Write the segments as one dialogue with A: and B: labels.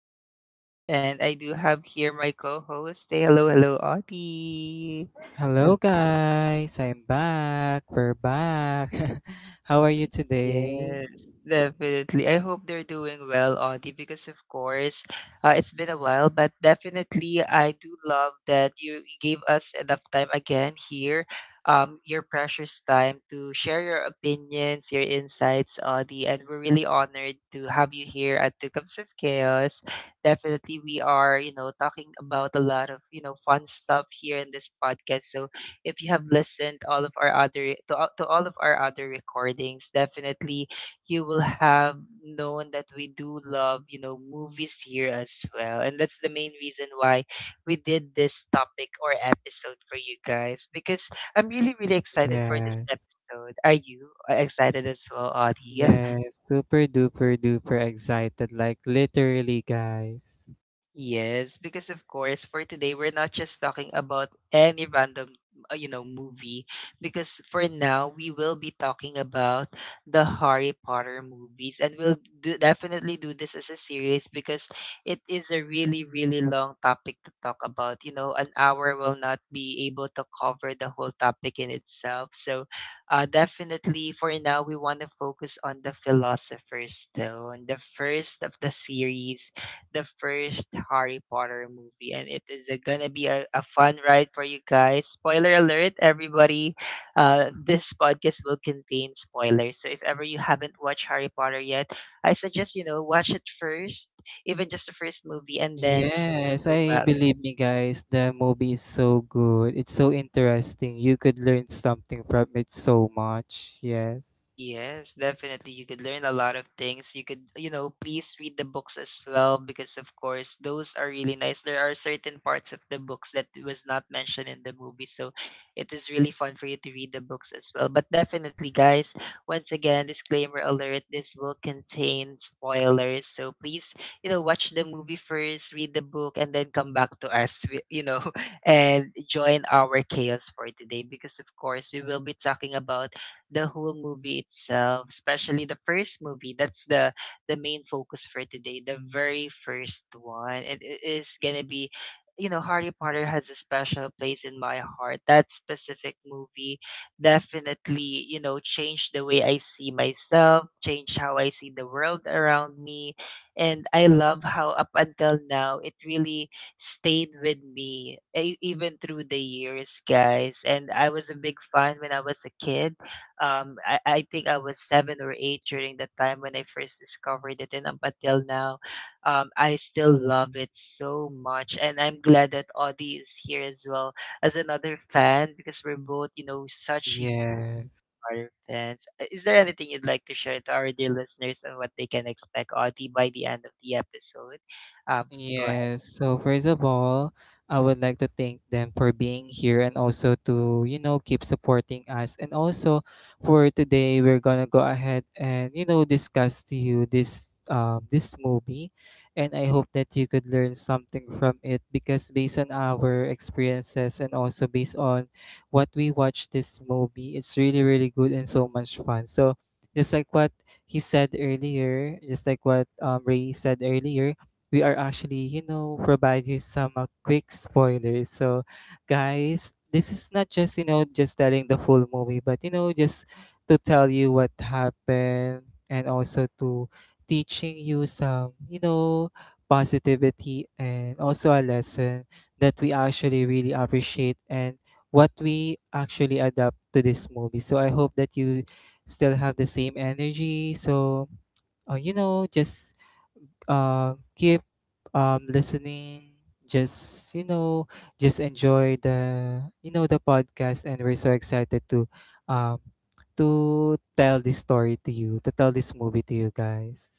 A: of Chaos, and I do have here my co host. Say hello, hello, Audie.
B: Hello guys, I'm back. We're back. How are you today?
A: Yes, definitely. I hope they're doing well, Audie, because of course, it's been a while, but definitely I do love that you gave us enough time again here, your precious time to share your opinions, your insights, Audie, and we're really honored to have you here at Two Cups of Chaos. Definitely, we are, talking about a lot of, fun stuff here in this podcast. So if you have listened all of our other to all of our other recordings, definitely you will have known that we do love, movies here as well, and that's the main reason why we did this topic or episode for you guys, because I'm really, really excited for this
B: Yes.
A: episode. Are you excited as well, Audie?
B: Yes, super duper duper excited, like, literally, guys.
A: Yes, because of course, for today, we're not just talking about any random, movie. Because for now, we will be talking about the Harry Potter movies, and we'll definitely do this as a series because it is a really, really long topic to talk about. You know, an hour will not be able to cover the whole topic in itself. So, definitely for now, we want to focus on the Philosophers Stone, the first of the series, the first Harry Potter movie, and gonna be a fun ride for you guys. Spoiler alert, everybody! This podcast will contain spoilers, so if ever you haven't watched Harry Potter yet, I suggest, watch it first, even just the first movie, and then
B: Yes,
A: go
B: I
A: back.
B: believe me guys, the movie is so good. It's so interesting. You could learn something from it so much. Yes.
A: Yes, definitely. You could learn a lot of things. You could, please read the books as well because, of course, those are really nice. There are certain parts of the books that was not mentioned in the movie. So it is really fun for you to read the books as well. But definitely, guys, once again, disclaimer alert, this will contain spoilers. So please, watch the movie first, read the book, and then come back to us, and join our chaos for today because, of course, we will be talking about the whole movie itself, especially the first movie. That's the main focus for today, the very first one. It is gonna be, Harry Potter has a special place in my heart. That specific movie definitely, changed the way I see myself, changed how I see the world around me. And I love how up until now it really stayed with me, even through the years, guys. And I was a big fan when I was a kid. I think I was 7 or 8 during the time when I first discovered it, and up until now, I still love it so much. And I'm glad that Audie is here as well as another fan because we're both such huge
B: Yes.
A: horror fans. Is there anything you'd like to share to our dear listeners on what they can expect, Audie, by the end of the episode? Um, go
B: Yes. So first of all, I would like to thank them for being here and also to, you know, keep supporting us. And also for today, we're gonna go ahead and, you know, discuss to you this this movie. And I hope that you could learn something from it because based on our experiences and also based on what we watched this movie, it's really, really good and so much fun. So just like what he said earlier, just like what Ray said earlier, we are actually, you know, provide you some quick spoilers. So, guys, this is not just, you know, just telling the full movie, but, you know, just to tell you what happened and also to teaching you some, you know, positivity and also a lesson that we actually really appreciate and what we actually adapt to this movie. So, I hope that you still have the same energy. So, you know, just give listening, just you know, just enjoy the, you know, the podcast, and we're so excited um to tell this story to you, to tell this movie to you guys.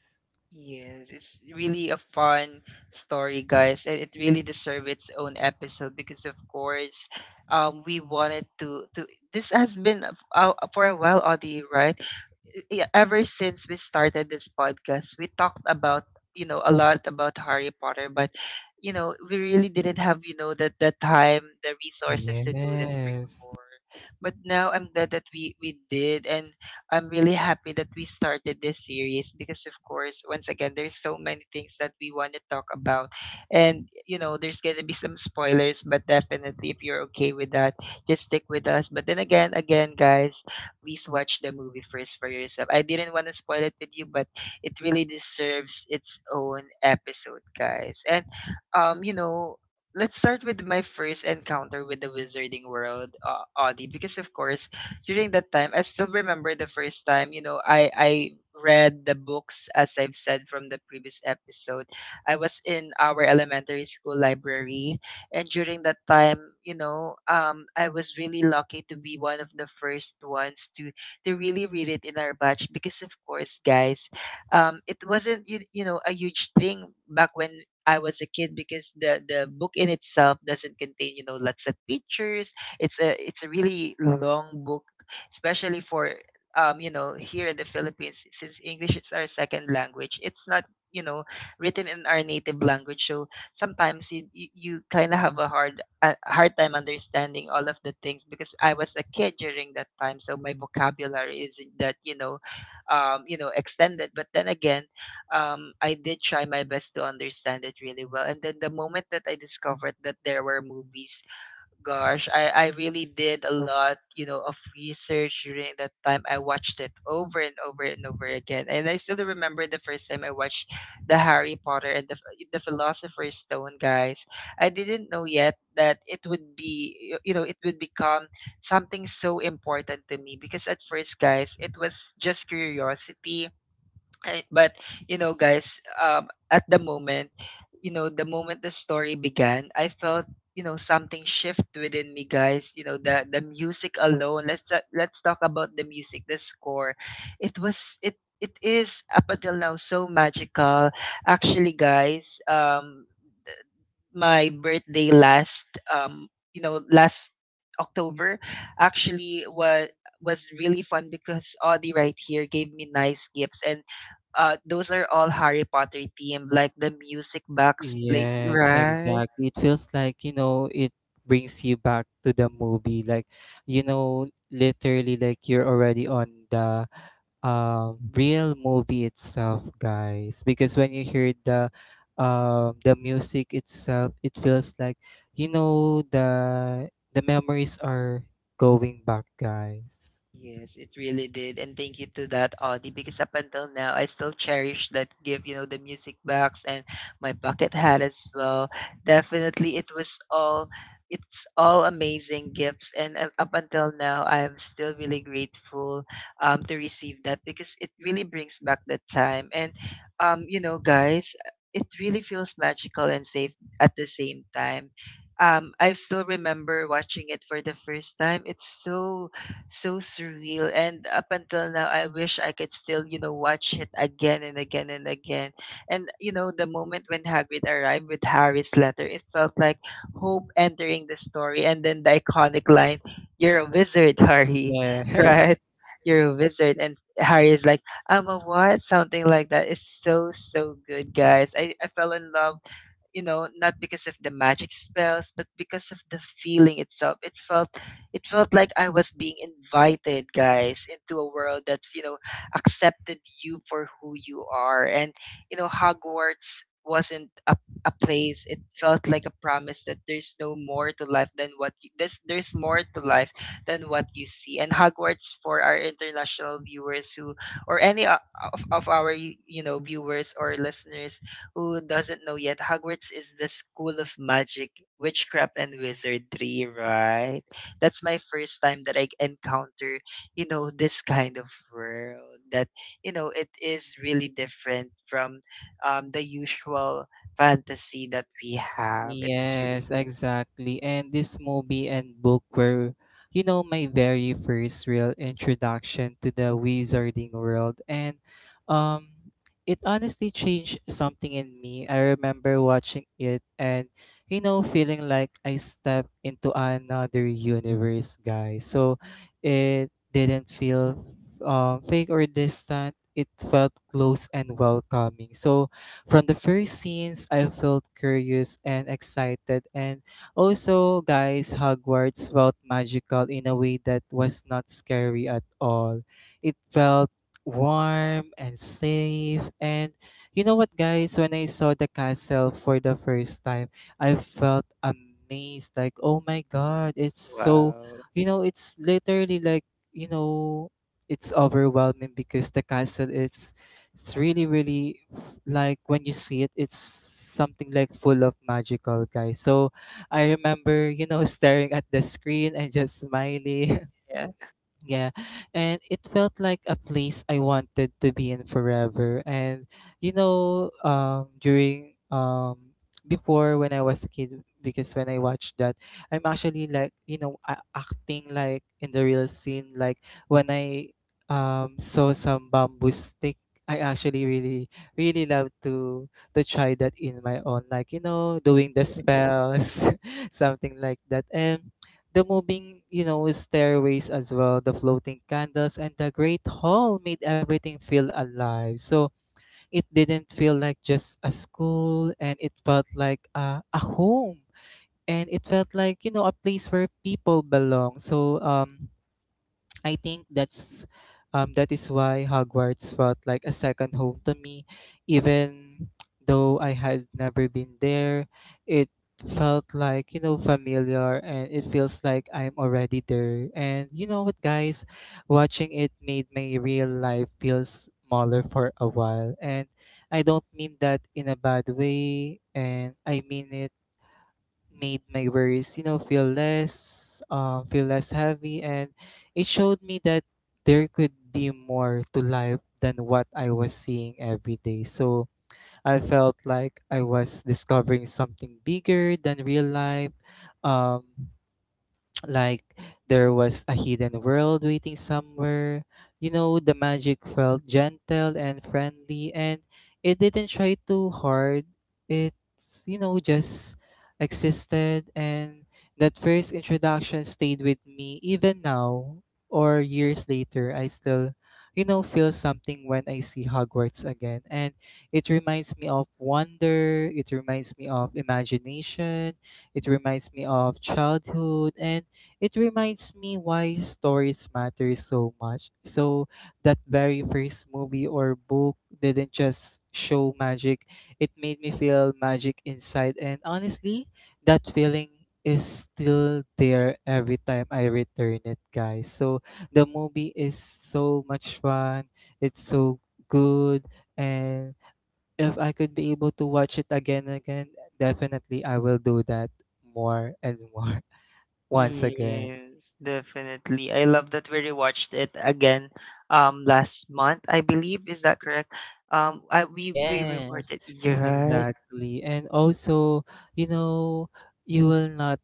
A: Yes, it's really a fun story, guys, and it really deserves its own episode because, of course, we wanted to This has been for a while, Audie, right? Ever since we started this podcast, we talked about, a lot about Harry Potter, but we really didn't have, that the time, the resources to do that
B: Yes.
A: before. But now I'm glad that we did, and I'm really happy that we started this series because, of course, once again, there's so many things that we want to talk about. And there's going to be some spoilers, but definitely, if you're okay with that, just stick with us. But then again, guys, please watch the movie first for yourself. I didn't want to spoil it with you, but it really deserves its own episode, guys. And, um, you know, let's start with my first encounter with the wizarding world, Audie, because of course, during that time, I still remember the first time, I read the books as I've said from the previous episode. I was in our elementary school library, and during that time, I was really lucky to be one of the first ones to really read it in our batch because of course, guys, it wasn't, a huge thing back when I was a kid, because the book in itself doesn't contain, lots of pictures. It's a really long book, especially for, here in the Philippines. Since English is our second language, it's not, you know written in our native language, so sometimes you kind of have a hard time understanding all of the things because I was a kid during that time, so my vocabulary isn't that, extended. But then again, I did try my best to understand it really well. And then the moment that I discovered that there were movies, gosh, I really did a lot of research during that time. I watched it over and over and over again. And I still remember the first time I watched the Harry Potter and the Philosopher's Stone, guys. I didn't know yet that it would be, you know, it would become something so important to me, because at first, guys, it was just curiosity. But, you know guys at the moment, the moment the story began, I felt, something shift within me, guys. The music alone, let's talk about the music, the score. It was it it is up until now so magical. Actually, guys, my birthday last you know last October actually was really fun because Audie right here gave me nice gifts, and those are all Harry Potter themed, like the music box play,
B: Yes,
A: right?
B: exactly. It feels like, you know, it brings you back to the movie. Like, you know, literally like you're already on the real movie itself, guys. Because when you hear the music itself, it feels like, you know, the memories are going back, guys.
A: Yes, it really did, and thank you to that, Audie, because up until now, I still cherish that gift, the music box and my bucket hat as well. Definitely, it's all amazing gifts, and up until now, I am still really grateful, to receive that because it really brings back that time. And, um, you know, guys, it really feels magical and safe at the same time. I still remember watching it for the first time. It's so, so surreal. And up until now, I wish I could still, watch it again and again and again. And the moment when Hagrid arrived with Harry's letter, it felt like hope entering the story. And then the iconic line, "You're a wizard, Harry,"
B: Yeah.
A: right? You're a wizard. And Harry is like, "I'm a what?" Something like that. It's so, so good, guys. I fell in love, not because of the magic spells, but because of the feeling itself. It felt like I was being invited, guys, into a world that's, accepted you for who you are. And Hogwarts wasn't a place, it felt like a promise that there's no more to life than what you, there's more to life than what you see. And Hogwarts, for our international viewers, who or any o- of our, viewers or listeners who doesn't know yet, Hogwarts is the school of magic, witchcraft, and wizardry, right? That's my first time that I encounter, this kind of world that, it is really different from, the usual fantasy that we have. And that's really,
B: Yes, exactly. And this movie and book were, you know, my very first real introduction to the wizarding world. And um it honestly changed something in me. I remember watching it and, you know, feeling like I stepped into another universe, guys. So it didn't feel fake or distant. It felt close and welcoming. So from the first scenes, I felt curious and excited, and also, guys, Hogwarts felt magical in a way that was not scary at all. It felt warm and safe, and you know what, guys, when I saw the castle for the first time, I felt amazed like, oh my god, it's so,
A: wow.
B: you know, it's literally like, you know, it's overwhelming because the castle is, it's really, really, like, when you see it, it's something like full of magical guys. So I remember, you know, staring at the screen and just smiling.
A: Yeah.
B: Yeah, and it felt like a place I wanted to be in forever. And you know, during before when I was a kid, because when I watched that, I'm actually like you know acting like in the real scene. Like when I saw some bamboo stick, I actually really really love to try that in my own. Like you know, doing the spells, something like that, and the moving, you know, stairways as well, the floating candles, and the great hall made everything feel alive. So it didn't feel like just a school, and it felt like a home, and it felt like you know a place where people belong. So I think that's that is why Hogwarts felt like a second home to me, even though I had never been there. It felt like you know familiar, and it feels like I'm already there. And you know what guys, watching it made my real life feel smaller for a while, and I don't mean that in a bad way. And I mean, it made my worries, you know, feel less heavy, and it showed me that there could be more to life than what I was seeing every day. So I felt like I was discovering something bigger than real life, um, like there was a hidden world waiting somewhere. You know, the magic felt gentle and friendly, and it didn't try too hard. It's, you know, just existed. And that first introduction stayed with me even now, or years later. I still, you know, feel something when I see Hogwarts again. And it reminds me of wonder, it reminds me of imagination, it reminds me of childhood, and it reminds me why stories matter so much. So that very first movie or book didn't just show magic, it made me feel magic inside, and honestly, that feeling is still there every time I return it, guys. So the movie is so much fun. It's so good, and if I could be able to watch it again and again, definitely I will do that more and more. Once again.
A: Yes, definitely. I love that we rewatched it again, last month, I believe. Is that correct? I we Yeah, we
B: Yes,
A: rewarded. You're right.
B: exactly. And also, you know, you will not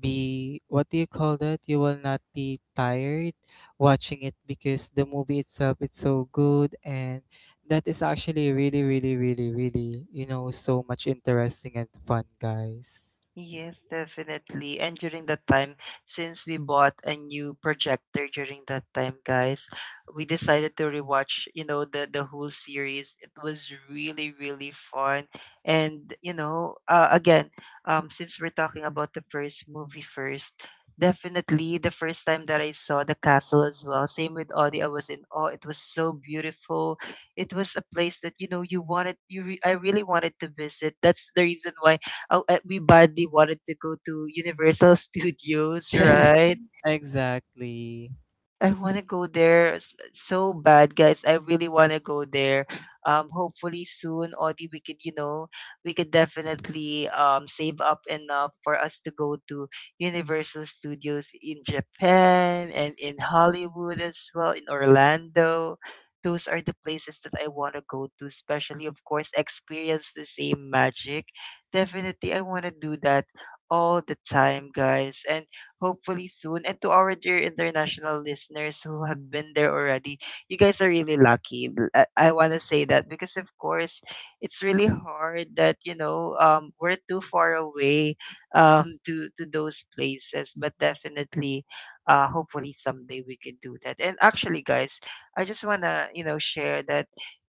B: be, what do you call that? You will not be tired watching it because the movie itself, it's so good, and that is actually really, really, really, really, you know, so much interesting and fun, guys.
A: Yes, definitely. And during that time, since we bought a new projector during that time, guys, we decided to rewatch, the whole series. It was really, really fun. And since we're talking about the first movie first, definitely the first time that I saw the castle as well, same with Audie, I was in awe. It was so beautiful. It was a place that, you wanted, you re- I really wanted to visit. That's the reason why, oh, everybody wanted to go to Universal Studios,
B: Yeah,
A: right?
B: exactly.
A: I want to go there so bad, guys. I really want to go there. Hopefully soon, Audie, we could, you know, we could definitely save up enough for us to go to Universal Studios in Japan and in Hollywood as well, in Orlando. Those are the places that I want to go to, especially, of course, experience the same magic. Definitely, I want to do that all the time, guys. And hopefully soon. And to our dear international listeners who have been there already, you guys are really lucky. I want to say that because, of course, it's really hard that, you know, we're too far away to those places. But definitely, hopefully someday we can do that. And actually, guys, I just want to, you know, share that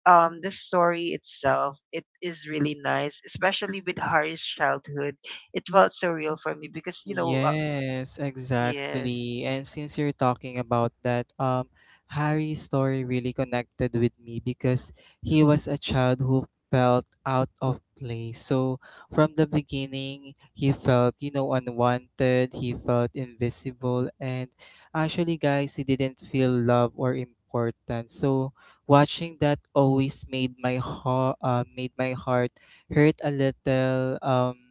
A: the story itself, it is really nice, especially with Harry's childhood. It felt so real for me because you know
B: Yes,
A: yes.
B: exactly. And since you're talking about that, Harry's story really connected with me because he was a child who felt out of place. So from the beginning, he felt, you know, unwanted, he felt invisible, and actually, guys, he didn't feel love or important. So watching that always made my heart hurt a little.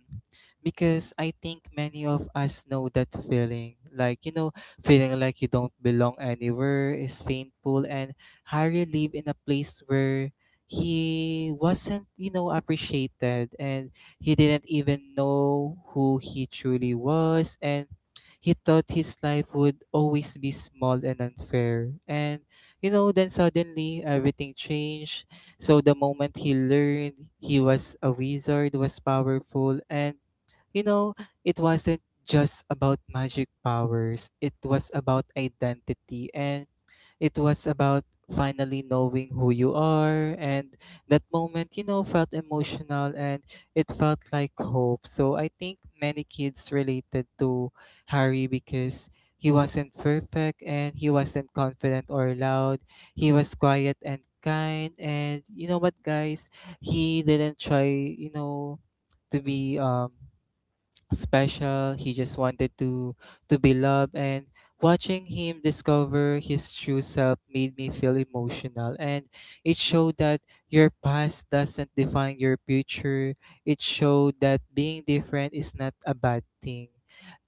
B: Because I think many of us know that feeling. Like, you know, feeling like you don't belong anywhere is painful, and Harry lived in a place where he wasn't, you know, appreciated, and he didn't even know who he truly was. And he thought his life would always be small and unfair. And, you know, then suddenly everything changed. So the moment he learned he was a wizard, was powerful, and you know, it wasn't just about magic powers, it was about identity, and it was about finally knowing who you are. And that moment, you know, felt emotional, and it felt like hope. So I think many kids related to Harry because he wasn't perfect, and he wasn't confident or loud. He was quiet and kind, and you know what guys, he didn't try, you know, to be special. He just wanted to be loved, and watching him discover his true self made me feel emotional, and it showed that your past doesn't define your future. It showed that being different is not a bad thing.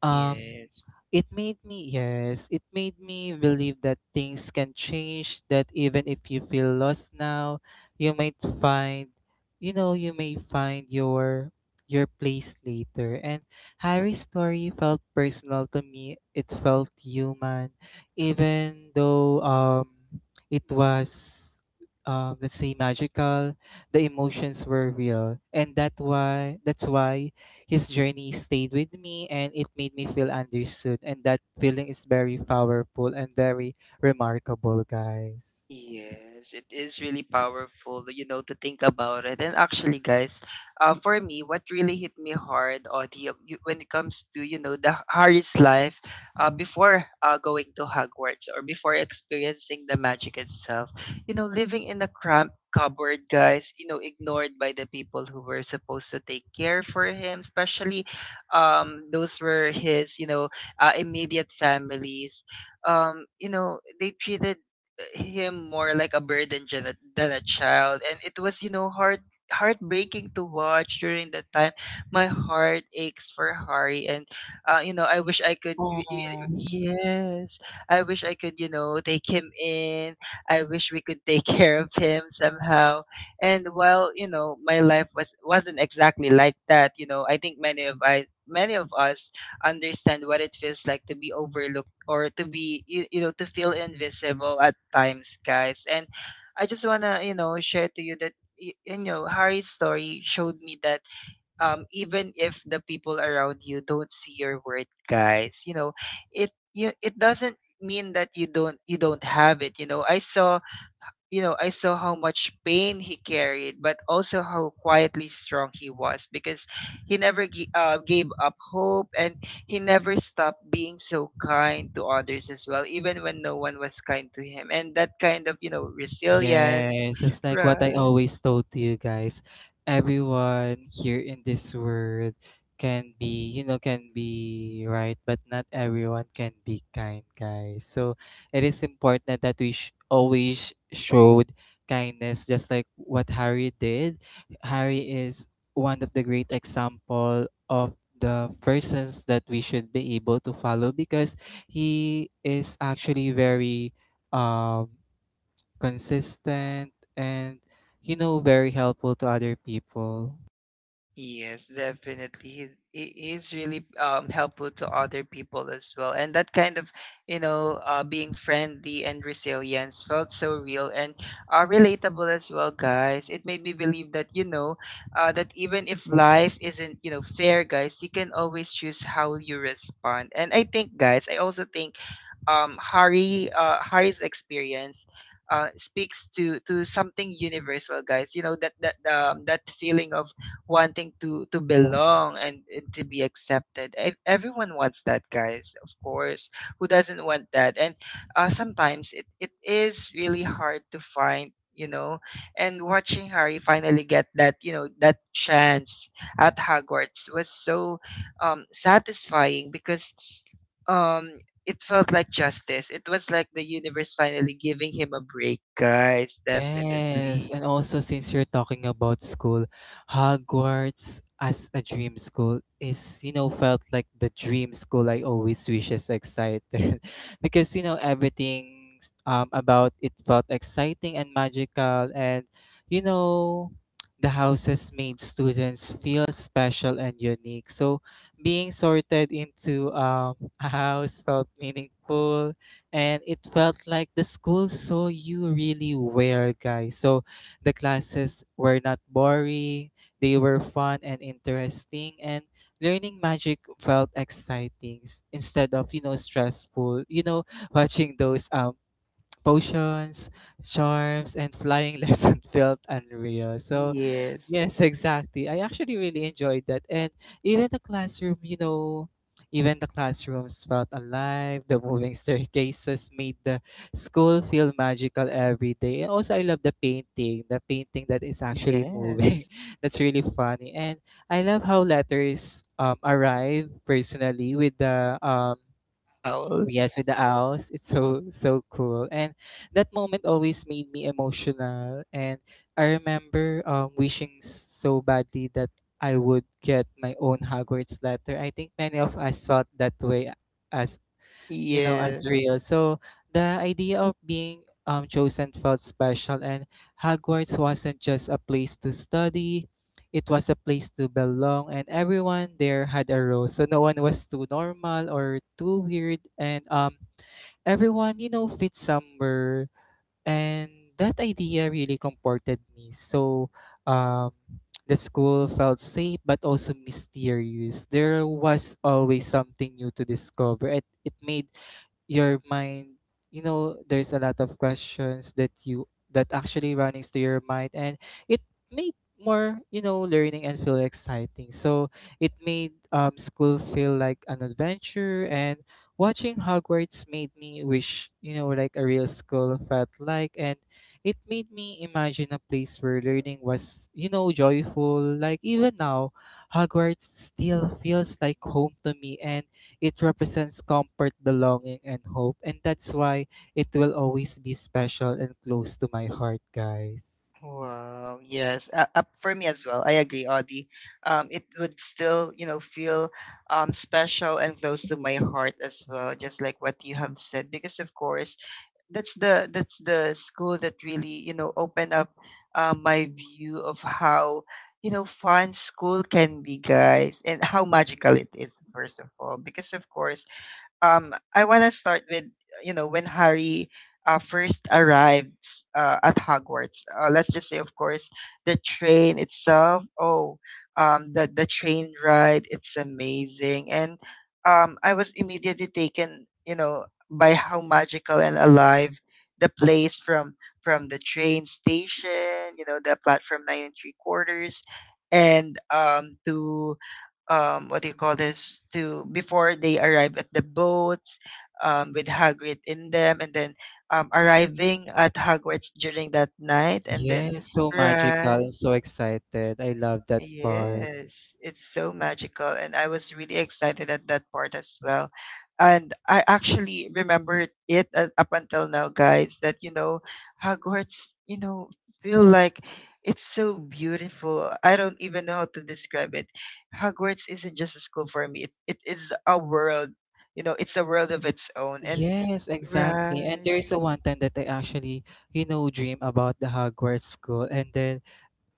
B: Um
A: Yes.
B: it made me, yes, it made me believe that things can change, that even if you feel lost now, you might find, you know, you may find your place later. And Harry's story felt personal to me. It felt human, even though it was let's say magical. The emotions were real, and that why, that's why his journey stayed with me, and it made me feel understood. And that feeling is very powerful and very remarkable, guys.
A: Yes, it is really powerful, you know, to think about it. And actually, guys, for me, what really hit me hard, Audie, when it comes to, you know, the Harry's life before going to Hogwarts or before experiencing the magic itself, you know, living in a cramped cupboard, guys, you know, ignored by the people who were supposed to take care for him, especially those were his, you know, immediate families. You know, they treated him more like a burden than a child, and it was, you know, heartbreaking to watch. During that time my heart aches for Hari, and you know I wish I could
B: Oh.
A: yes, I wish I could, you know, take him in. I wish we could take care of him somehow. And while, you know, my life was wasn't exactly like that, you know, I think many of us understand what it feels like to be overlooked or to be you know, to feel invisible at times, guys. And I just want to, you know, share to you that you know, Harry's story showed me that even if the people around you don't see your worth, guys, you know, it doesn't mean that you don't have it. You know, I saw you know, I saw how much pain he carried, but also how quietly strong he was, because he never gave up hope, and he never stopped being so kind to others as well, even when no one was kind to him. And that kind of, you know, resilience,
B: Yes, it's like what I
A: right?
B: always told to you guys. Everyone here in this world can be, you know, can be right, but not everyone can be kind, guys. So it is important that we always showed kindness, just like what Harry did. Harry is one of the great example of the persons that we should be able to follow because he is actually very um consistent, and you know, very helpful to other people.
A: Yes, definitely. It is really helpful to other people as well. And that kind of, you know, being friendly and resilience felt so real and relatable as well, guys. It made me believe that, you know, that even if life isn't, you know, fair, guys, you can always choose how you respond. And I think, guys, I also think Hari's experience speaks to something universal, guys. You know, that feeling of wanting to belong and to be accepted. Everyone wants that, guys. Of course, who doesn't want that? And sometimes it is really hard to find, you know. And watching Harry finally get that, you know, that chance at Hogwarts was so satisfying because um it felt like justice. It was like the universe finally giving him a break, guys.
B: Yes,
A: Definitely.
B: and also since you're talking about school, Hogwarts as a dream school is, you know, felt like the dream school I always wish is excited because, you know, everything about it felt exciting and magical. And, you know, the houses made students feel special and unique. So being sorted into a house felt meaningful, and it felt like the school saw you really were, guys. So the classes were not boring, they were fun and interesting, and learning magic felt exciting instead of, you know, stressful. You know, watching those potions, charms, and flying lesson felt unreal. So
A: Yes.
B: yes, exactly. I actually really enjoyed that. And even the classroom, you know, even the classrooms felt alive. The moving staircases made the school feel magical every day. And also, I love the painting that is actually
A: Yes.
B: moving. That's really funny. And I love how letters arrive personally with the Oh,
A: Owls.
B: yes, with the owls. It's so so cool. And that moment always made me emotional. And I remember wishing so badly that I would get my own Hogwarts letter. I think many of us felt that way as as
A: Yes.
B: real. So the idea of being chosen felt special. And Hogwarts wasn't just a place to study, it was a place to belong, and everyone there had a role, so no one was too normal or too weird. And everyone, you know, fit somewhere. And that idea really comforted me. So um the school felt safe but also mysterious. There was always something new to discover. It made your mind, you know, there's a lot of questions that you that actually runnings to your mind. And it made more, you know, learning and feel exciting. So it made, school feel like an adventure. And watching Hogwarts made me wish, you know, like a real school felt like. And it made me imagine a place where learning was, you know, joyful. Like, even now Hogwarts still feels like home to me, and it represents comfort, belonging, and hope. And that's why it will always be special and close to my heart, guys.
A: Wow. Yes. For me as well. I agree, Audie. It would still, you know, feel special and close to my heart as well, just like what you have said. Because of course, that's the school that really, you know, opened up my view of how you know fun school can be, guys, and how magical it is. First of all, because of course I want to start with you know when Harry first arrived at Hogwarts. Let's just say, of course, the train itself. Oh, the train ride. It's amazing, and I was immediately taken, you know, by how magical and alive the place, from the train station. You know, the platform nine and three quarters, and to what do you call this, to before they arrive at the boats with Hagrid in them, and then arriving at Hogwarts during that night, and then
B: Yes, so magical
A: right.
B: and so excited. I love that part.
A: Yes, it's so magical, and I was really excited at that part as well. And I actually remember it up until now, guys, that you know, Hogwarts, you know, feel like it's so beautiful. I don't even know how to describe it. Hogwarts isn't just a school for me. It is a world. You know, it's a world of its own. And
B: Yes, exactly. And
A: right.
B: there is a one time that I actually, you know, dream about the Hogwarts school. And then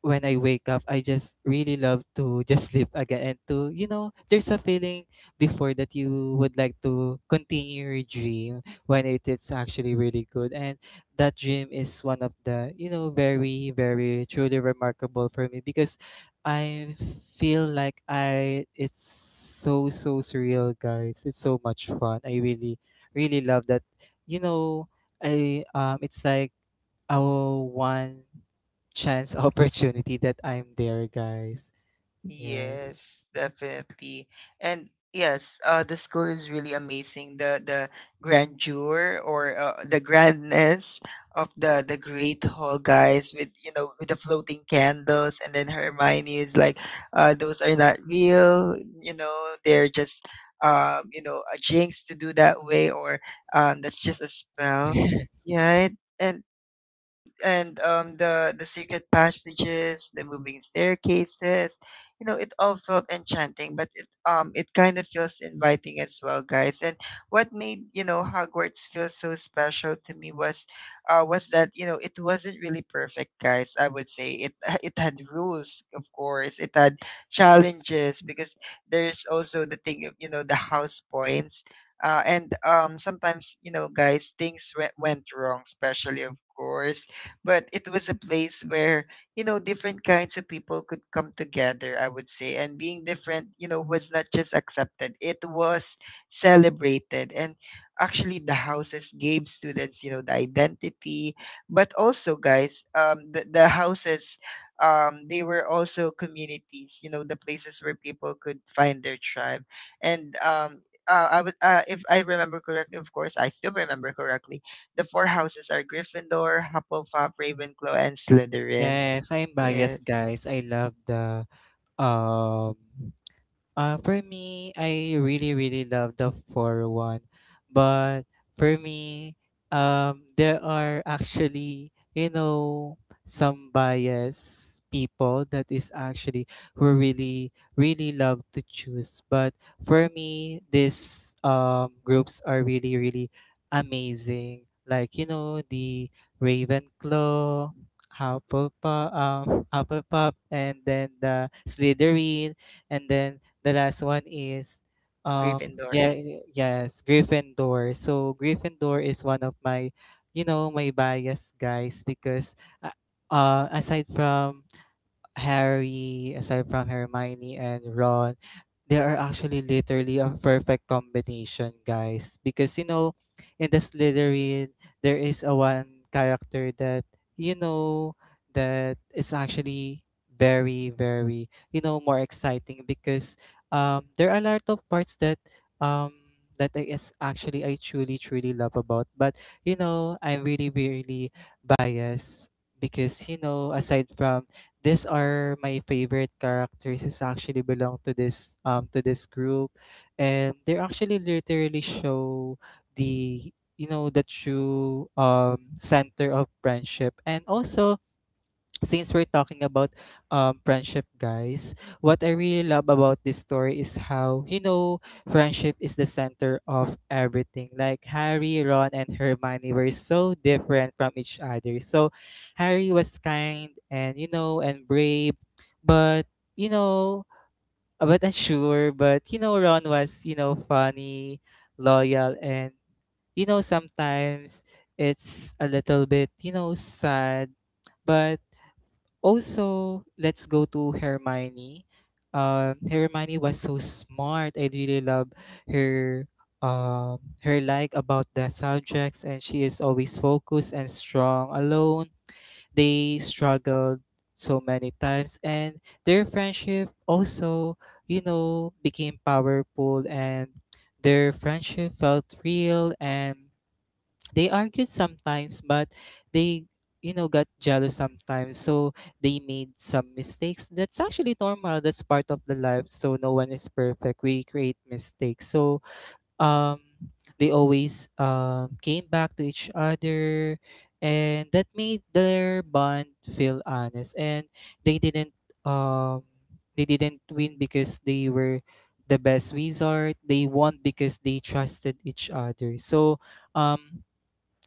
B: when I wake up, I just really love to just sleep again, and to, you know, there's a feeling before that you would like to continue your dream when it is actually really good. And that dream is one of the, you know, very, very truly remarkable for me, because I feel like it's so, so surreal, guys. It's so much fun. I really, really love that. You know, it's like, our one chance opportunity that I'm there, guys. Yes.
A: Yes, definitely. And yes, the school is really amazing. The grandeur or the grandness of the great hall, guys, with you know with the floating candles, and then Hermione is like, those are not real. You know, they're just you know, a jinx to do that way, or that's just a spell. Yeah, and the secret passages, the moving staircases, you know, it all felt enchanting. But it kind of feels inviting as well, guys. And what made you know Hogwarts feel so special to me was that you know it wasn't really perfect, guys. I would say it it had rules, of course. It had challenges because there's also the thing of you know the house points. And sometimes you know guys things went wrong, especially of course, but it was a place where you know different kinds of people could come together, I would say, and being different you know was not just accepted, it was celebrated. And actually the houses gave students you know the identity, but also guys the houses they were also communities, you know, the places where people could find their tribe. And I would, if I remember correctly, of course, I still remember correctly, the four houses are Gryffindor, Hufflepuff, Ravenclaw, and Slytherin.
B: Yes, I'm
A: Yes,
B: biased, guys. I love the um for me, I really really love the four one, but for me, there are actually, you know, some biased people that is actually who really really love to choose. But for me, these groups are really really amazing. Like, you know, the Ravenclaw, Hufflepuff, Hufflepuff, and then the Slytherin, and then the last one is um
A: Gryffindor.
B: yeah, yes, Gryffindor. So Gryffindor is one of my, you know, my bias, guys. Because uh, aside from Harry, aside from Hermione and Ron, they are actually literally a perfect combination, guys. Because, you know, in the Slytherin, there is a one character that, you know, that is actually very, very, you know, more exciting, because there are a lot of parts that um that I is actually I truly truly love about. But, you know, I'm really really biased because, you know, aside from these are my favorite characters is actually belong to this group. And they actually literally show the, you know, the true center of friendship. And also, since we're talking about friendship, guys, what I really love about this story is how, you know, friendship is the center of everything. Like Harry, Ron, and Hermione were so different from each other. So Harry was kind and, you know, and brave, but, you know, but unsure. But, you know, Ron was, you know, funny, loyal, and, you know, sometimes it's a little bit, you know, sad. But also, let's go to Hermione. Hermione was so smart. I really love her, her like about the subjects, and she is always focused and strong alone. They struggled so many times, and their friendship also, you know, became powerful. And their friendship felt real, and they argued sometimes, but they, you know, got jealous sometimes. So they made some mistakes. That's actually normal. That's part of the life, so no one is perfect. We create mistakes. So um they always came back to each other, and that made their bond feel honest. And they didn't um they didn't win because they were the best wizard. They won because they trusted each other. So um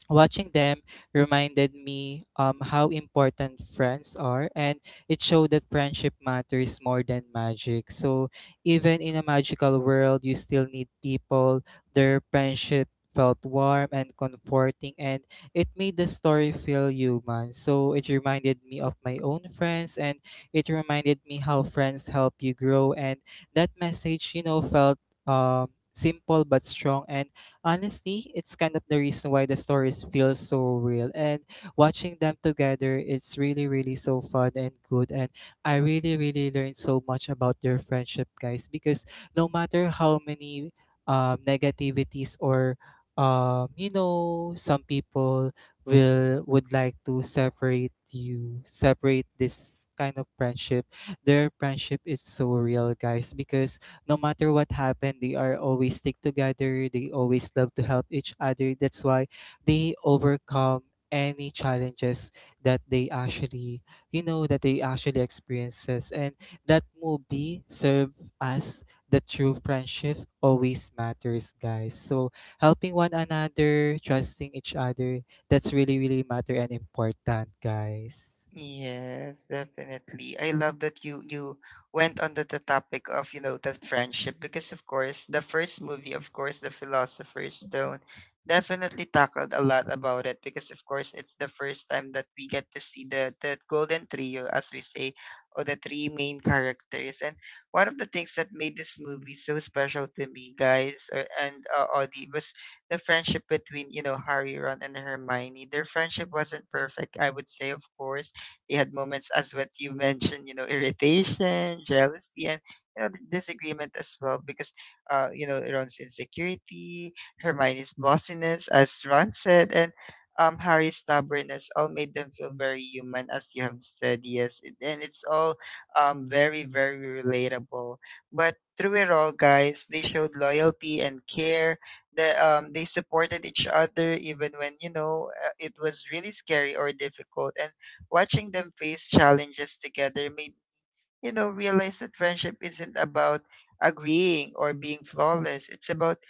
B: watching them reminded me, how important friends are. And it showed that friendship matters more than magic. So, even in a magical world, you still need people. Their friendship felt warm and comforting, and it made the story feel human. So, it reminded me of my own friends, and it reminded me how friends help you grow. And that message, you know, felt simple but strong. And honestly, it's kind of the reason why the stories feel so real. And watching them together, it's really, really so fun and good. And I really, really learned so much about their friendship, guys. Because no matter how many negativities, or you know, some people will would like to separate you, separate this kind of friendship. Their friendship is so real, guys, because no matter what happened, they are always stick together. They always love to help each other. That's why they overcome any challenges that they actually, you know, that they actually experiences. And that movie serve as the true friendship always matters, guys. So helping one another, trusting each other, that's really, really matter and important, guys.
A: Yes, definitely. I love that you went under the topic of, you know, the friendship, because of course the first movie, of course, The Philosopher's Stone definitely tackled a lot about it, because of course it's the first time that we get to see the golden trio, as we say, or the three main characters. And one of the things that made this movie so special to me, guys, or, and Audie, was the friendship between you know Harry, Ron, and Hermione. Their friendship wasn't perfect, I would say, of course. They had moments, as what you mentioned, you know, irritation, jealousy, and you know, disagreement as well, because you know, Ron's insecurity, Hermione's bossiness, as Ron said, and Harry's stubbornness all made them feel very human, as you have said, yes. And it's all very, very relatable. But through it all, guys, they showed loyalty and care. That they supported each other even when you know it was really scary or difficult, and watching them face challenges together made, you know, realize that friendship isn't about agreeing or being flawless. It's about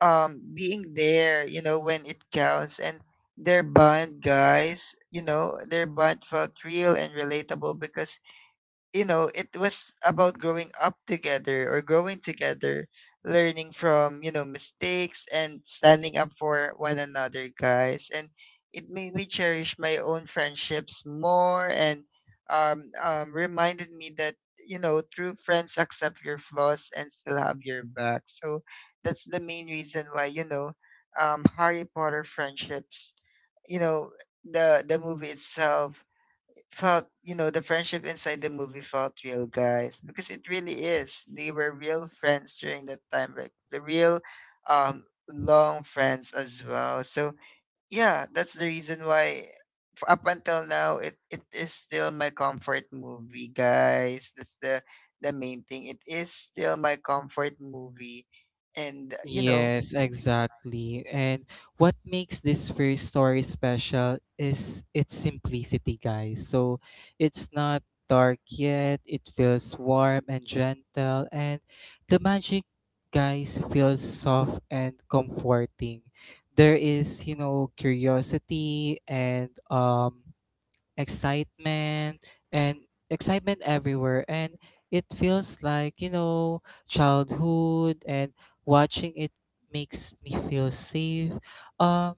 A: being there, you know, when it counts. And their bond, guys, you know, their bond felt real and relatable because you know, it was about growing up together or growing together, learning from, you know, mistakes and standing up for one another, guys. And it made me cherish my own friendships more, and reminded me that, you know, true friends accept your flaws and still have your back. So that's the main reason why, you know, Harry Potter friendships, you know, the movie itself felt, you know, the friendship inside the movie felt real, guys, because it really is. They were real friends during that time, like the real long friends as well. So yeah, that's the reason why up until now, it is still my comfort movie, guys. That's the main thing. It is still my comfort movie. And you know.
B: Yes, exactly. And what makes this first story special is its simplicity, guys. So it's not dark yet, it feels warm and gentle. And the magic, guys, feels soft and comforting. There is, you know, curiosity and excitement, and excitement everywhere. And it feels like, you know, childhood. And watching it makes me feel safe. um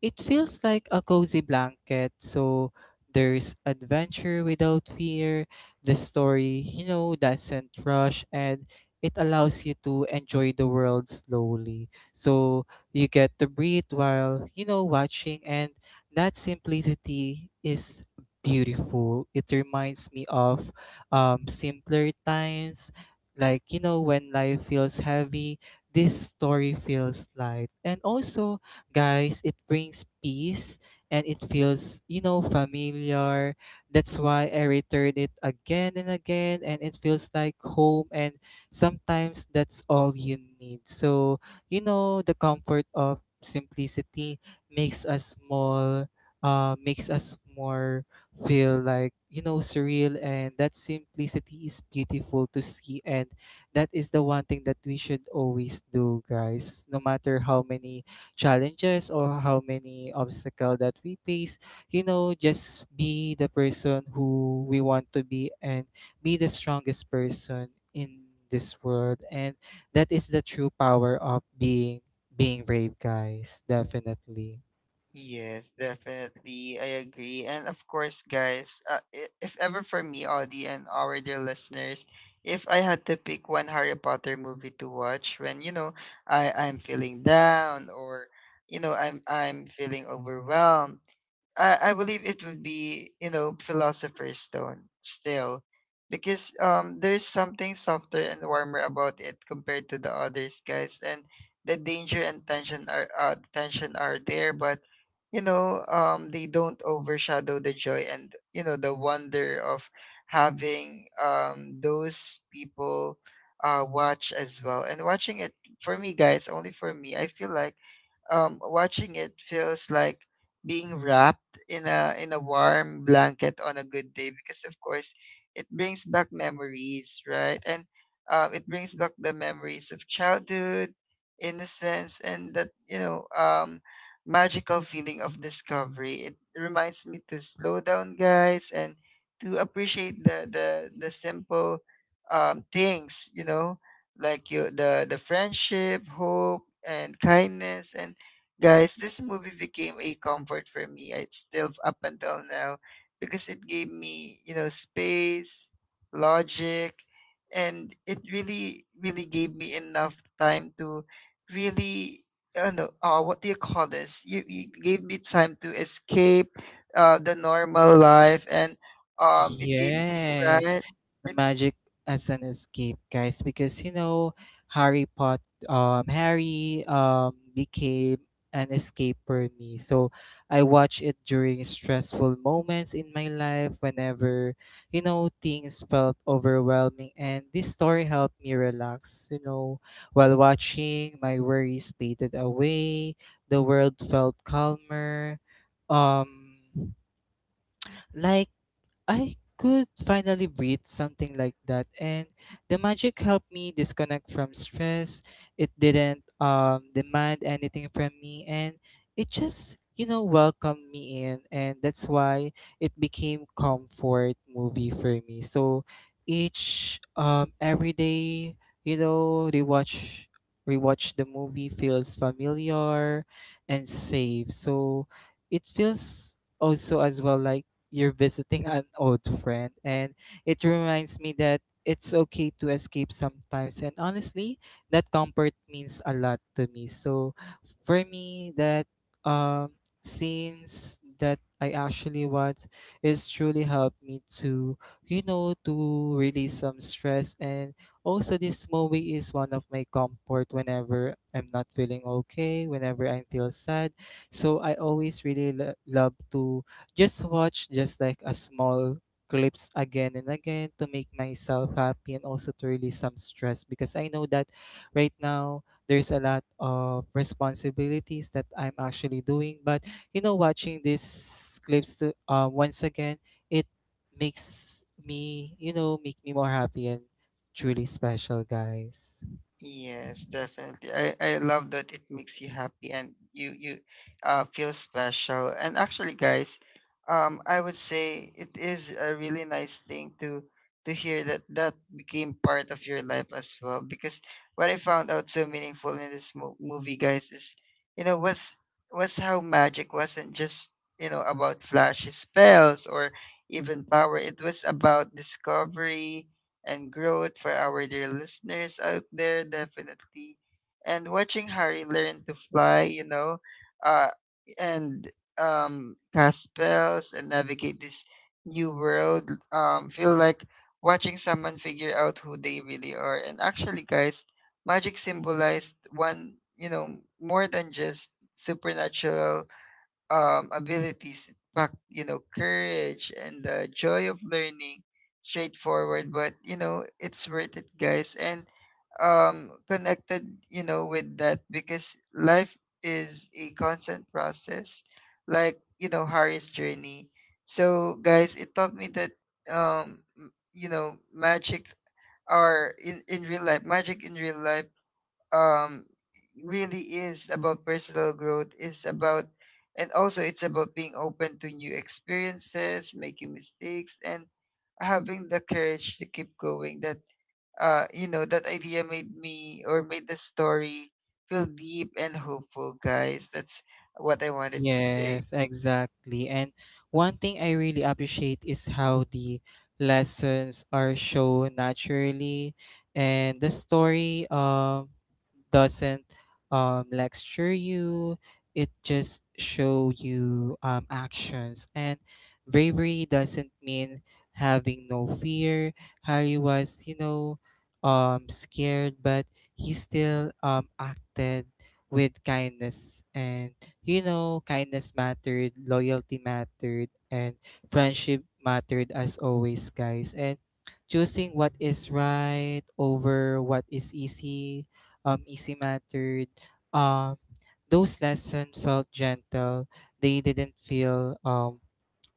B: it feels like a cozy blanket. So there's adventure without fear. The story, you know, doesn't rush, and it allows you to enjoy the world slowly. So you get to breathe while, you know, watching. And that simplicity is beautiful. It reminds me of simpler times. Like, you know, when life feels heavy, this story feels light. And also, guys, it brings peace, and it feels, you know, familiar. That's why I return it again and again, and it feels like home. And sometimes that's all you need. So, you know, the comfort of simplicity makes us more, makes us more feel like, you know, surreal. And that simplicity is beautiful to see. And that is the one thing that we should always do, guys. No matter how many challenges or how many obstacle that we face, you know, just be the person who we want to be, and be the strongest person in this world. And that is the true power of being, being brave, guys, definitely.
A: Yes, definitely. I agree. And of course, guys, if ever for me, Audie, and our dear listeners, if I had to pick one Harry Potter movie to watch when, you know, I'm feeling down, or, you know, I'm feeling overwhelmed, I believe it would be, you know, Philosopher's Stone still. Because there's something softer and warmer about it compared to the others, guys. And the danger and tension are there, but you know, they don't overshadow the joy and you know the wonder of having those people watch as well. And watching it for me, guys, only for me, I feel like watching it feels like being wrapped in a warm blanket on a good day, because of course it brings back memories, right? And it brings back the memories of childhood, innocence, and that magical feeling of discovery. It reminds me to slow down, guys, and to appreciate the simple things, you know, like you the friendship, hope, and kindness. And guys, this movie became a comfort for me. It's still up until now because it gave me, you know, space, logic, and it really, really gave me enough time to really, I do not know, what do you call this? You gave me time to escape the normal life, and it gave me,
B: Yes,
A: right?
B: the magic as an escape, guys. Because, you know, Harry Pot, Harry became an escape for me. So I watch it during stressful moments in my life, whenever, you know, things felt overwhelming, and this story helped me relax. You know, while watching, my worries faded away. The world felt calmer. Um, like, I could finally breathe, something like that. And the magic helped me disconnect from stress. It didn't demand anything from me. And it just, you know, welcomed me in. And that's why it became comfort movie for me. So each every day, you know, rewatch the movie feels familiar and safe. So it feels also as well like you're visiting an old friend. And it reminds me that it's okay to escape sometimes. And honestly, that comfort means a lot to me. So for me, that um scenes that I actually watch is truly helped me to, you know, to release some stress. And also, this movie is one of my comfort whenever I'm not feeling okay, whenever I feel sad. So I always really love to just watch just like a small clips again and again to make myself happy, and also to release some stress. Because I know that right now there's a lot of responsibilities that I'm actually doing. But, you know, watching these clips to, once again, it makes me, you know, make me more happy and truly special, guys.
A: Yes, definitely. I love that it makes you happy and you feel special. And actually, guys, I would say it is a really nice thing to hear that that became part of your life as well. Because what I found out so meaningful in this movie, guys, is you know was how magic wasn't just, you know, about flashy spells or even power. It was about discovery and growth for our dear listeners out there, definitely. And watching Harry learn to fly, you know, uh, and cast spells and navigate this new world, feel like watching someone figure out who they really are. And actually, guys, magic symbolized one, you know, more than just supernatural abilities, but you know, courage and the joy of learning. Straightforward, but you know, it's worth it, guys. And connected, you know, with that because life is a constant process, like you know, Harry's journey. So, guys, it taught me that you know, magic or in real life, magic in real life um really is about personal growth, is about, and also it's about being open to new experiences, making mistakes, and having the courage to keep going. That you know, that idea made me, or made the story feel deep and hopeful, guys. That's what I wanted to say.
B: Yes, exactly. And one thing I really appreciate is how the lessons are shown naturally. And the story doesn't lecture you. It just show you actions. And bravery doesn't mean having no fear. Harry was, you know, scared, but he still acted with kindness. And, you know, kindness mattered, loyalty mattered, and friendship mattered as always, guys. And choosing what is right over what is easy, easy mattered. Um, those lessons felt gentle. They didn't feel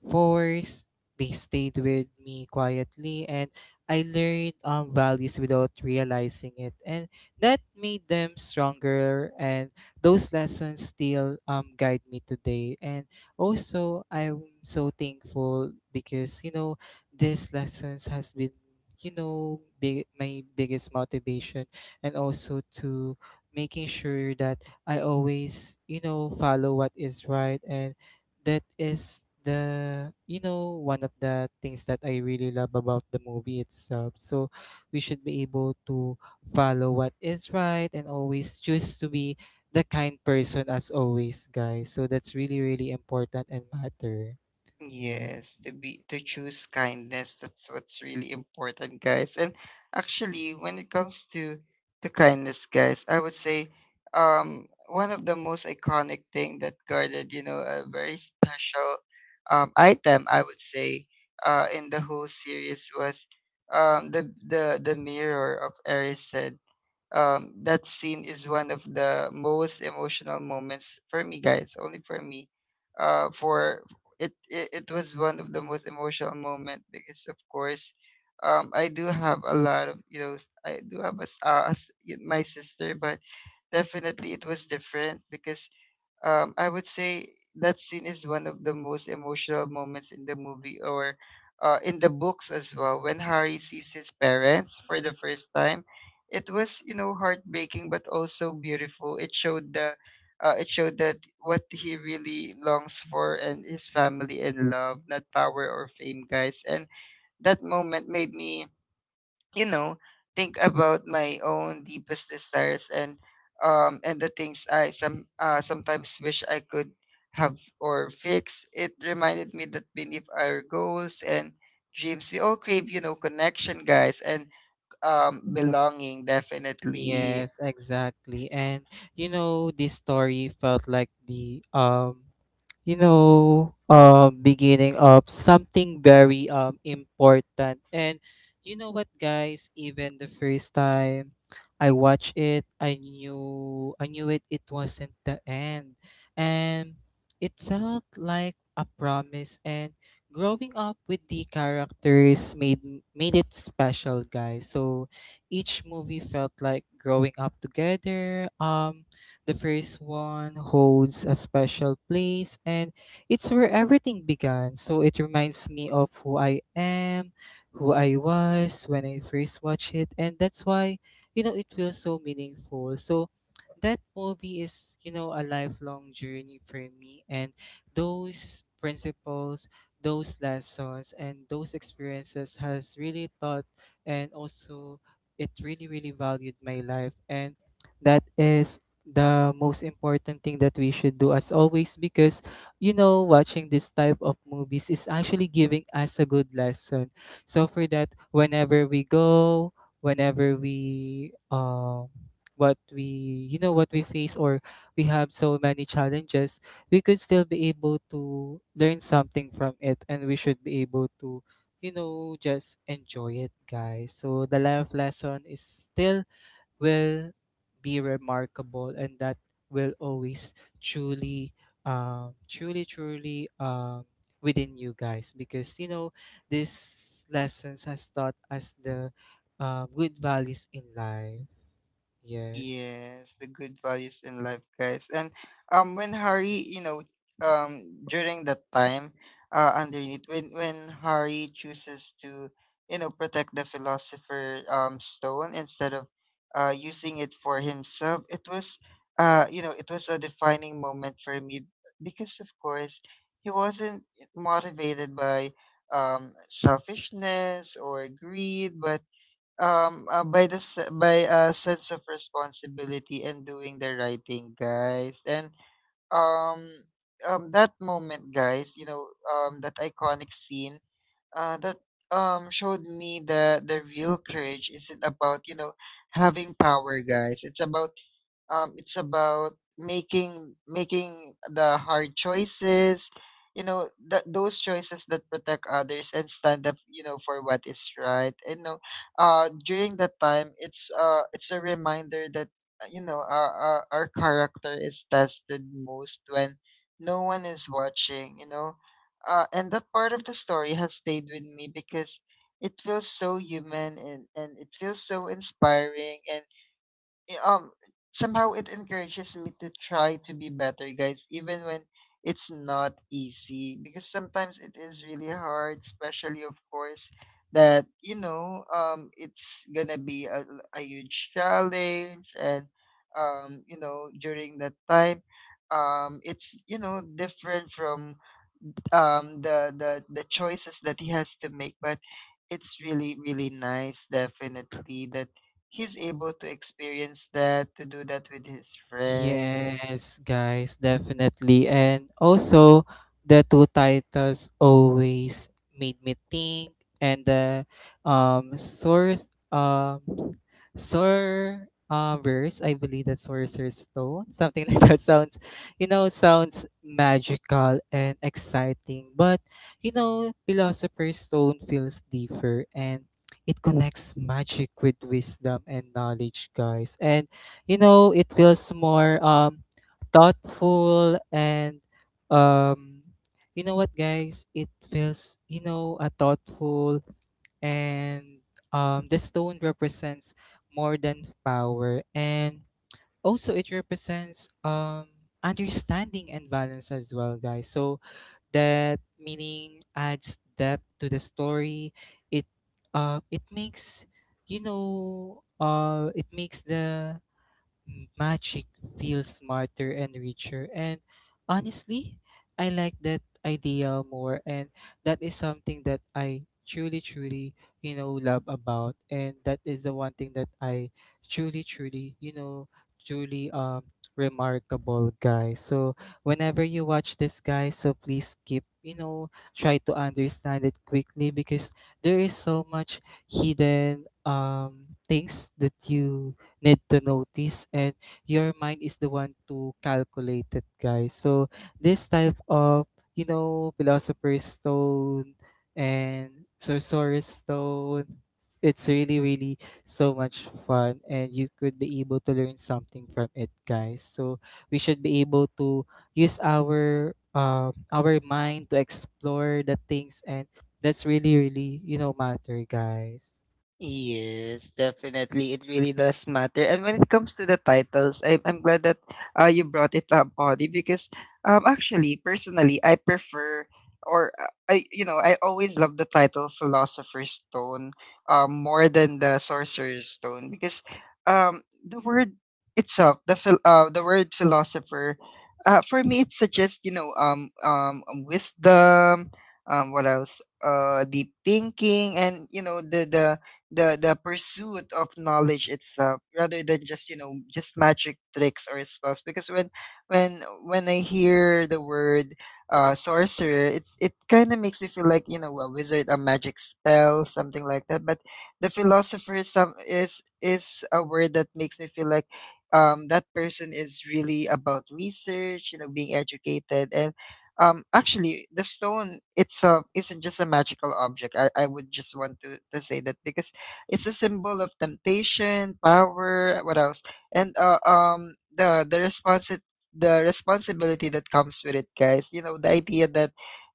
B: force. They stayed with me quietly, and I learned values without realizing it. And that made them stronger, and those lessons still, guide me today. And also, I'm so thankful because, you know, these lessons has been, you know, big, my biggest motivation. And also to making sure that I always, you know, follow what is right. And that is the, you know, one of the things that I really love about the movie itself. So we should be able to follow what is right and always choose to be the kind person as always, guys. So that's really really important and matter. Yeah.
A: Yes, to be, to choose kindness. That's what's really important, guys. And actually, when it comes to the kindness, guys, I would say one of the most iconic thing that guarded, you know, a very special item, I would say, in the whole series was the mirror of Erised. That scene is one of the most emotional moments for me, guys. Only for me. For it was one of the most emotional moment because, of course, I do have a lot of you know, I do have a, my sister, but definitely it was different because I would say that scene is one of the most emotional moments in the movie or in the books as well. When Harry sees his parents for the first time, it was, you know, heartbreaking but also beautiful. It showed the it showed that what he really longs for, and his family and love, not power or fame, guys. And that moment made me, you know, think about my own deepest desires and and the things I sometimes wish I could have or fix. It reminded me that beneath our goals and dreams, we all crave, you know, connection, guys, and belonging, definitely.
B: Yes, exactly. And you know, this story felt like the you know, beginning of something very important. And you know what, guys? Even the first time I watched it, I knew it. It wasn't the end, and it felt like a promise. And growing up with the characters made it special, guys. So each movie felt like growing up together. The first one holds a special place, and it's where everything began. So it reminds me of who I am, who I was when I first watched it. And that's why, you know, it feels so meaningful. So that movie is, you know, a lifelong journey for me. And those principles, those lessons, and those experiences has really taught, and also it really, really valued my life. And that is the most important thing that we should do as always, because you know, watching this type of movies is actually giving us a good lesson. So for that, whenever we go, whenever we what we, you know, what we face, or we have so many challenges, we could still be able to learn something from it, and we should be able to, you know, just enjoy it, guys. So the life lesson is still will be remarkable, and that will always truly, truly within you, guys, because you know, these lessons has taught us the good values in life. Yes.
A: Yes, the good values in life, guys. And when Hari, you know, during that time, underneath, when Hari chooses to, you know, protect the philosopher stone instead of, using it for himself, it was, you know, it was a defining moment for me because of course he wasn't motivated by selfishness or greed, but by by a sense of responsibility and doing the right thing, guys. And um that moment, guys, you know, that iconic scene, that showed me that the real courage isn't about, you know, having power, guys. It's about it's about making the hard choices, you know, that those choices that protect others and stand up, you know, for what is right. And no, during that time, it's a reminder that you know, our our character is tested most when no one is watching, you know. And that part of the story has stayed with me because it feels so human, and it feels so inspiring, and eh, um somehow it encourages me to try to be better, guys, even when it's not easy, because sometimes it is really hard, especially of course that, you know, it's gonna be a huge challenge. And you know, during that time, it's, you know, different from the choices that he has to make, but it's really really nice, definitely, that he's able to experience that, to do that with his friends.
B: Yes, guys, definitely. And also, the two titles always made me think, and the source sor verse, I believe that Sorcerer's Stone, something like that sounds, you know, sounds magical and exciting. But you know, Philosopher's Stone feels deeper, and it connects magic with wisdom and knowledge, guys. And you know, it feels more thoughtful, and um you know what, guys, it feels, you know, a thoughtful, and the stone represents more than power, and also it represents understanding and balance as well, guys. So that meaning adds depth to the story. it it makes, you know, it makes the magic feels smarter and richer. And honestly, I like that idea more. And that is something that I truly, truly, you know, love about. And that is the one thing that I truly, truly, you know, truly remarkable, guy. So whenever you watch this, guy, so please keep, you know, try to understand it quickly, because there is so much hidden things that you need to notice, and your mind is the one to calculate it, guys. So this type of, you know, philosopher's stone and sorcerer's stone, it's really, really so much fun, and you could be able to learn something from it, guys. So we should be able to use our mind to explore the things, and that's really, really, you know, matter, guys.
A: Yes, definitely. It really does matter. And when it comes to the titles, I'm glad that you brought it up, Audie, because actually, personally, I prefer or I, you know, I always love the title Philosopher's Stone more than the Sorcerer's Stone because the word itself, the word philosopher, for me it suggests, you know, wisdom, what else deep thinking, and you know the pursuit of knowledge itself, rather than just, you know, just magic tricks or spells. Because when when I hear the word sorcerer, it kind of makes me feel like, you know, a wizard, a magic spell, something like that. But the philosopher is some is a word that makes me feel like that person is really about research, you know, being educated. And actually, the stone itself isn't just a magical object. I would just want to say that because it's a symbol of temptation, power. What else? And the responsibility that comes with it, guys. You know, the idea that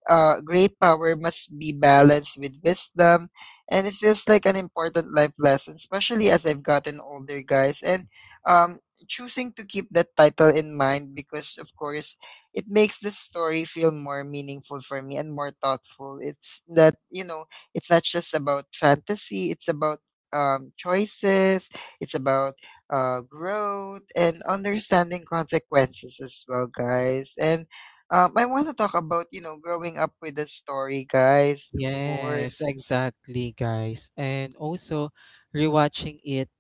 A: great power must be balanced with wisdom, and it feels like an important life lesson, especially as I've gotten older, guys. And um, choosing to keep that title in mind, because of course it makes the story feel more meaningful for me and more thoughtful. It's that, you know, it's not just about fantasy, it's about choices. It's about growth and understanding consequences as well, guys. And I want to talk about, you know, growing up with a story, guys. Of
B: Yes,
A: course.
B: exactly, guys. And also, rewatching it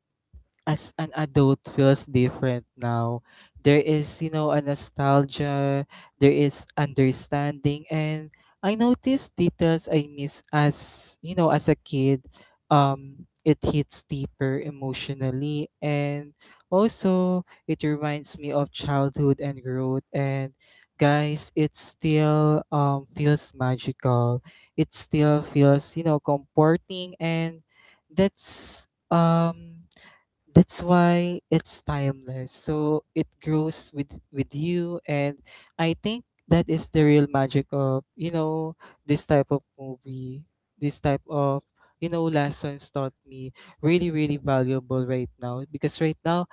B: as an adult feels different now. There is, you know, a nostalgia, there is understanding, and I noticed details I miss as, you know, as a kid. It hits deeper emotionally, and also it reminds me of childhood and growth. And guys, it still feels magical. It still feels, you know, comforting, and that's um that's why it's timeless. So it grows with you, and I think that is the real magic of, you know, this type of movie, this type of, you know, lessons taught me really, really valuable right now, because right now,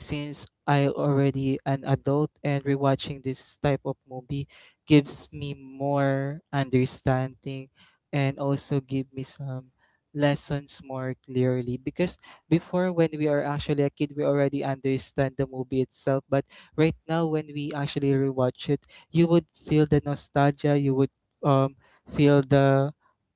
B: since I already an adult and rewatching this type of movie gives me more understanding, and also give me some lessons more clearly, because before when we are actually a kid, we already understand the movie itself, but right now when we actually rewatch it, you would feel the nostalgia, you would um feel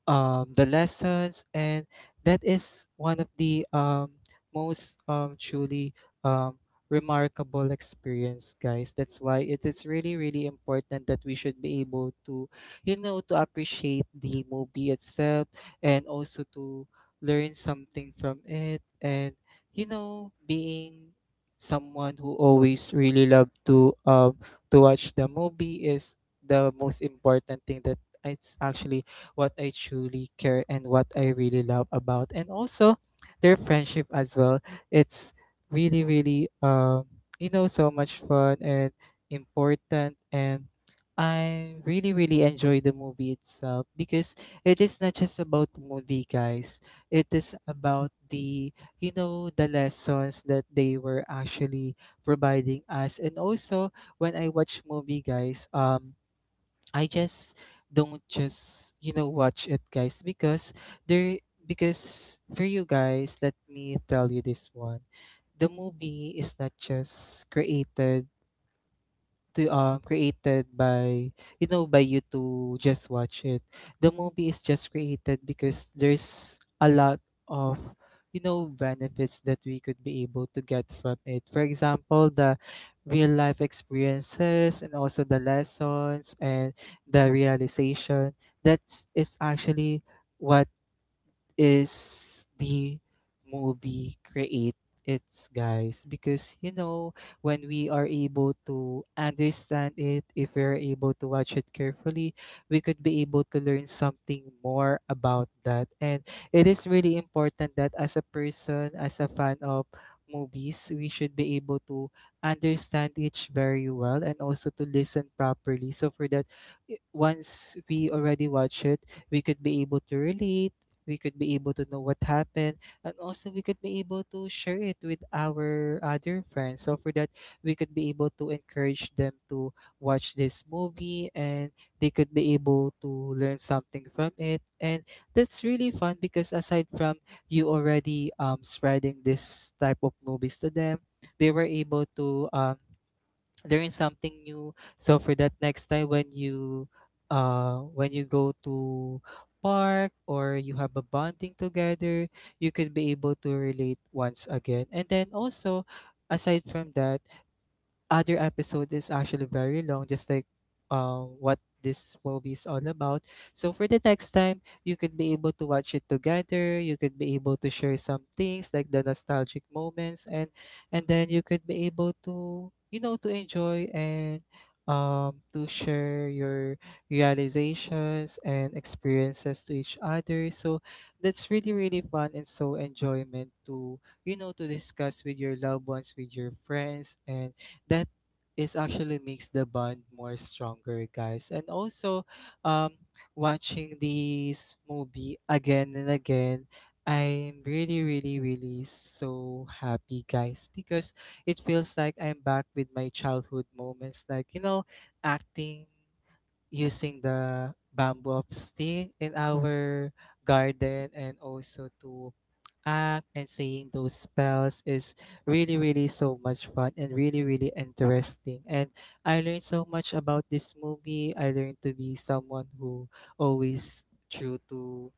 B: the lessons, and that is one of the most truly um, remarkable experience, guys. That's why it is really, really important that we should be able to, you know, to appreciate the movie itself, and also to learn something from it. And, you know, being someone who always really love to watch the movie is the most important thing that it's actually what I truly care and what I really love about, and also their friendship as well. It's really, really, you know, so much fun and important, and I really, really enjoy the movie itself, because it is not just about the movie, guys. It is about the, you know, the lessons that they were actually providing us. And also, when I watch movie, guys, I just don't just, you know, watch it, guys, there because for you guys, let me tell you this one. The movie is not just created to created by, you know, by you to just watch it. The movie is just created because there's a lot of, you know, benefits that we could be able to get from it. For example, the real life experiences, and also the lessons, and the realization that is actually what is the movie create it's, guys, because you know, when we are able to understand it, if we're able to watch it carefully, we could be able to learn something more about that. And it is really important that as a person, as a fan of movies, we should be able to understand each very well, and also to listen properly. So for that, once we already watch it, we could be able to relate, we could be able to know what happened, and also we could be able to share it with our other friends. So for that, we could be able to encourage them to watch this movie, and they could be able to learn something from it. And that's really fun, because aside from you already spreading this type of movies to them, they were able to learn something new. So for that, next time when you go to park, or you have a bonding together, you could be able to relate once again. And then also, aside from that, other episode is actually very long, just like what this movie is all about. So for the next time, you could be able to watch it together. You could be able to share some things like the nostalgic moments, and then you could be able to, you know, to enjoy, and to share your realizations and experiences to each other. So that's really, really fun and so enjoyment to, you know, to discuss with your loved ones, with your friends. And that is actually makes the bond more stronger, guys. And also, um watching this movie again and again, I'm really, really, really so happy, guys, because it feels like I'm back with my childhood moments, like, you know, acting, using the bamboo of stick in our garden, and also to act and saying those spells is really, really so much fun and really, really interesting. And I learned so much about this movie. I learned to be someone who always true to,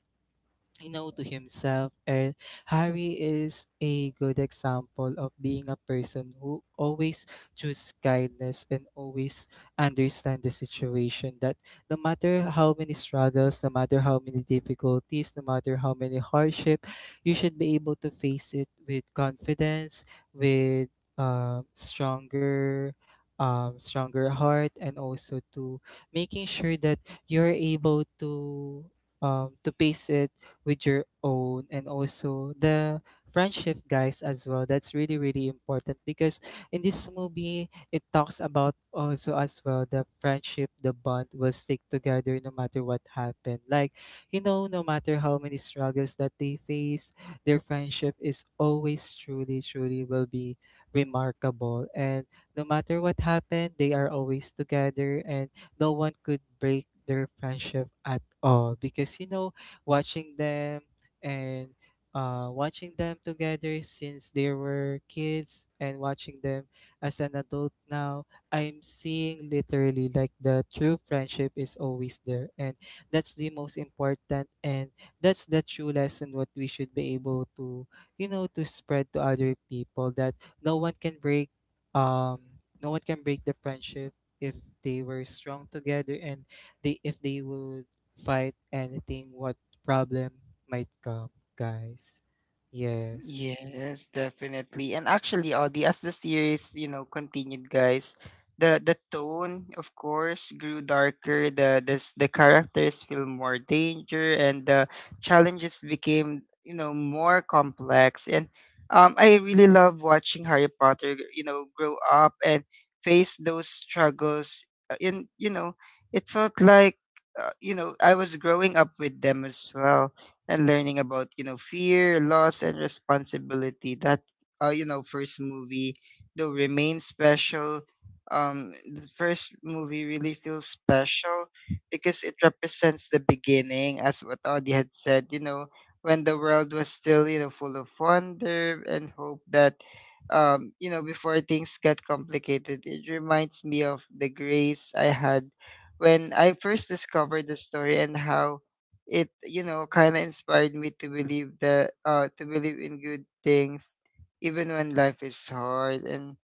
B: you know, to himself. And Harry is a good example of being a person who always choose kindness, and always understand the situation that no matter how many struggles, no matter how many difficulties, no matter how many hardship, you should be able to face it with confidence, with um, stronger stronger heart, and also to making sure that you're able to face it with your own, and also the friendship, guys, as well. That's really, really important, because in this movie, it talks about also as well the friendship. The bond will stick together no matter what happened. Like, you know, no matter how many struggles that they face, their friendship is always truly, truly will be remarkable, and no matter what happened, they are always together, and no one could break their friendship at all. Because you know, watching them, and watching them together since they were kids, and watching them as an adult now, I'm seeing literally like the true friendship is always there. And that's the most important, and that's the true lesson what we should be able to, you know, to spread to other people, that no one can break um the friendship if they were strong together, and they if they would fight anything what problem might come, guys. Yes.
A: Yes, definitely. And actually, Audie, as the series, you know, continued, guys, the tone, of course, grew darker. The characters feel more danger, and the challenges became, you know, more complex. And I really love watching Harry Potter, you know, grow up and face those struggles. And you know, it felt like, you know, I was growing up with them as well, and learning about, you know, fear, loss, and responsibility. That you know, first movie, though, remains special. The first movie really feels special because it represents the beginning, as what Audie had said, you know, when the world was still, you know, full of wonder and hope. That you know, before things got complicated, it reminds me of the grace I had when I first discovered the story, and how it, you know, kind of inspired me to believe that to believe in good things even when life is hard. And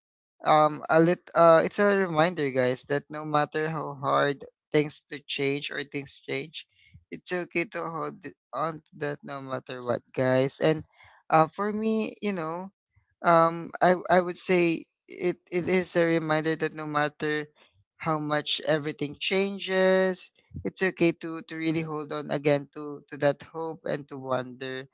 A: a lit it's a reminder, guys, that no matter how hard things change, it's okay to hold it on to that no matter what, guys. And for me, you know, I would say it it is a reminder that no matter how much everything changes, it's okay to really hold on again to that hope and to wonder.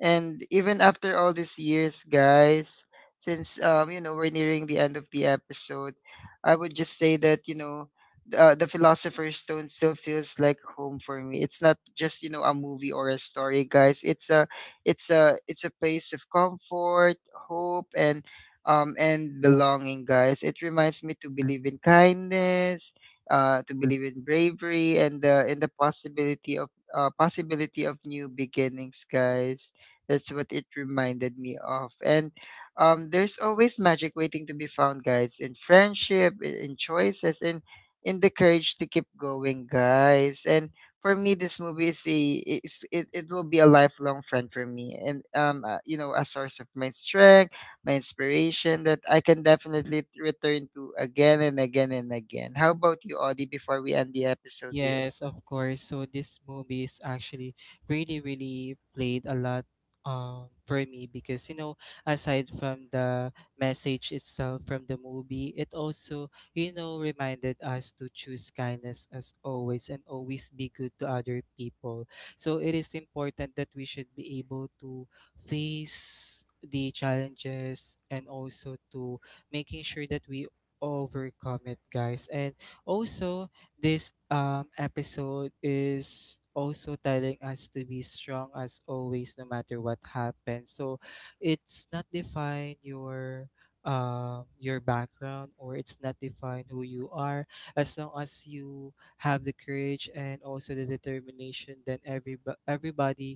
A: And even after all these years, guys, since you know, we're nearing the end of the episode, I would just say that, you know, the Philosopher's Stone still feels like home for me. It's not just, you know, a movie or a story, guys. It's a it's a place of comfort, hope, and and belonging, guys. It reminds me to believe in kindness, to believe in bravery, and the possibility of new beginnings, guys. That's what it reminded me of. And there's always magic waiting to be found, guys, in friendship, in choices, in the courage to keep going, guys. And for me this movie is a it will be a lifelong friend for me, and you know, a source of my strength, my inspiration, that I can definitely return to again and again and again. How about you, Audie, before we end the episode, dear?
B: Yes, of course. So this movie is actually really, really played a lot for me, because you know, aside from the message itself from the movie, it also, you know, reminded us to choose kindness as always, and always be good to other people. So it is important that we should be able to face the challenges, and also to making sure that we overcome it, guys. And also, this episode is also telling us to be strong as always, no matter what happens. So it's not define your background, or it's not define who you are, as long as you have the courage and also the determination. Then everybody,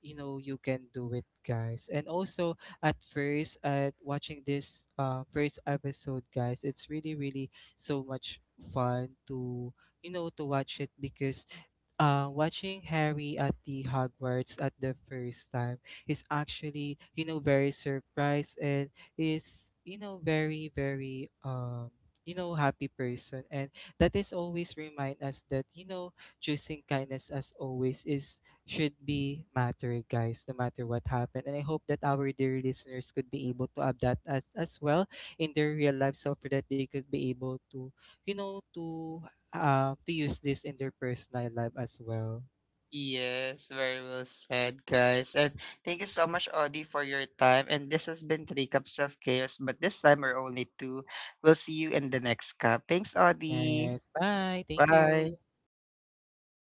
B: you know, you can do it, guys. And also, at first, at watching this first episode, guys, it's really, really so much fun to, you know, to watch it, because watching Harry at the Hogwarts at the first time is actually, you know, very surprised, and is, you know, very, very, you know, happy person. And that is always remind us that, you know, choosing kindness as always is should be matter, guys, no matter what happened. And I hope that our dear listeners could be able to have that as well in their real life, so for that they could be able to, you know, to use this in their personal life as well.
A: Yes, very well said, guys. And thank you so much, Audie, for your time. And this has been Three Cups of Chaos, but this time we're only two. We'll see you in the next cup. Thanks,
B: Yes.
A: Audie.
B: Bye. Thank you.
A: Bye.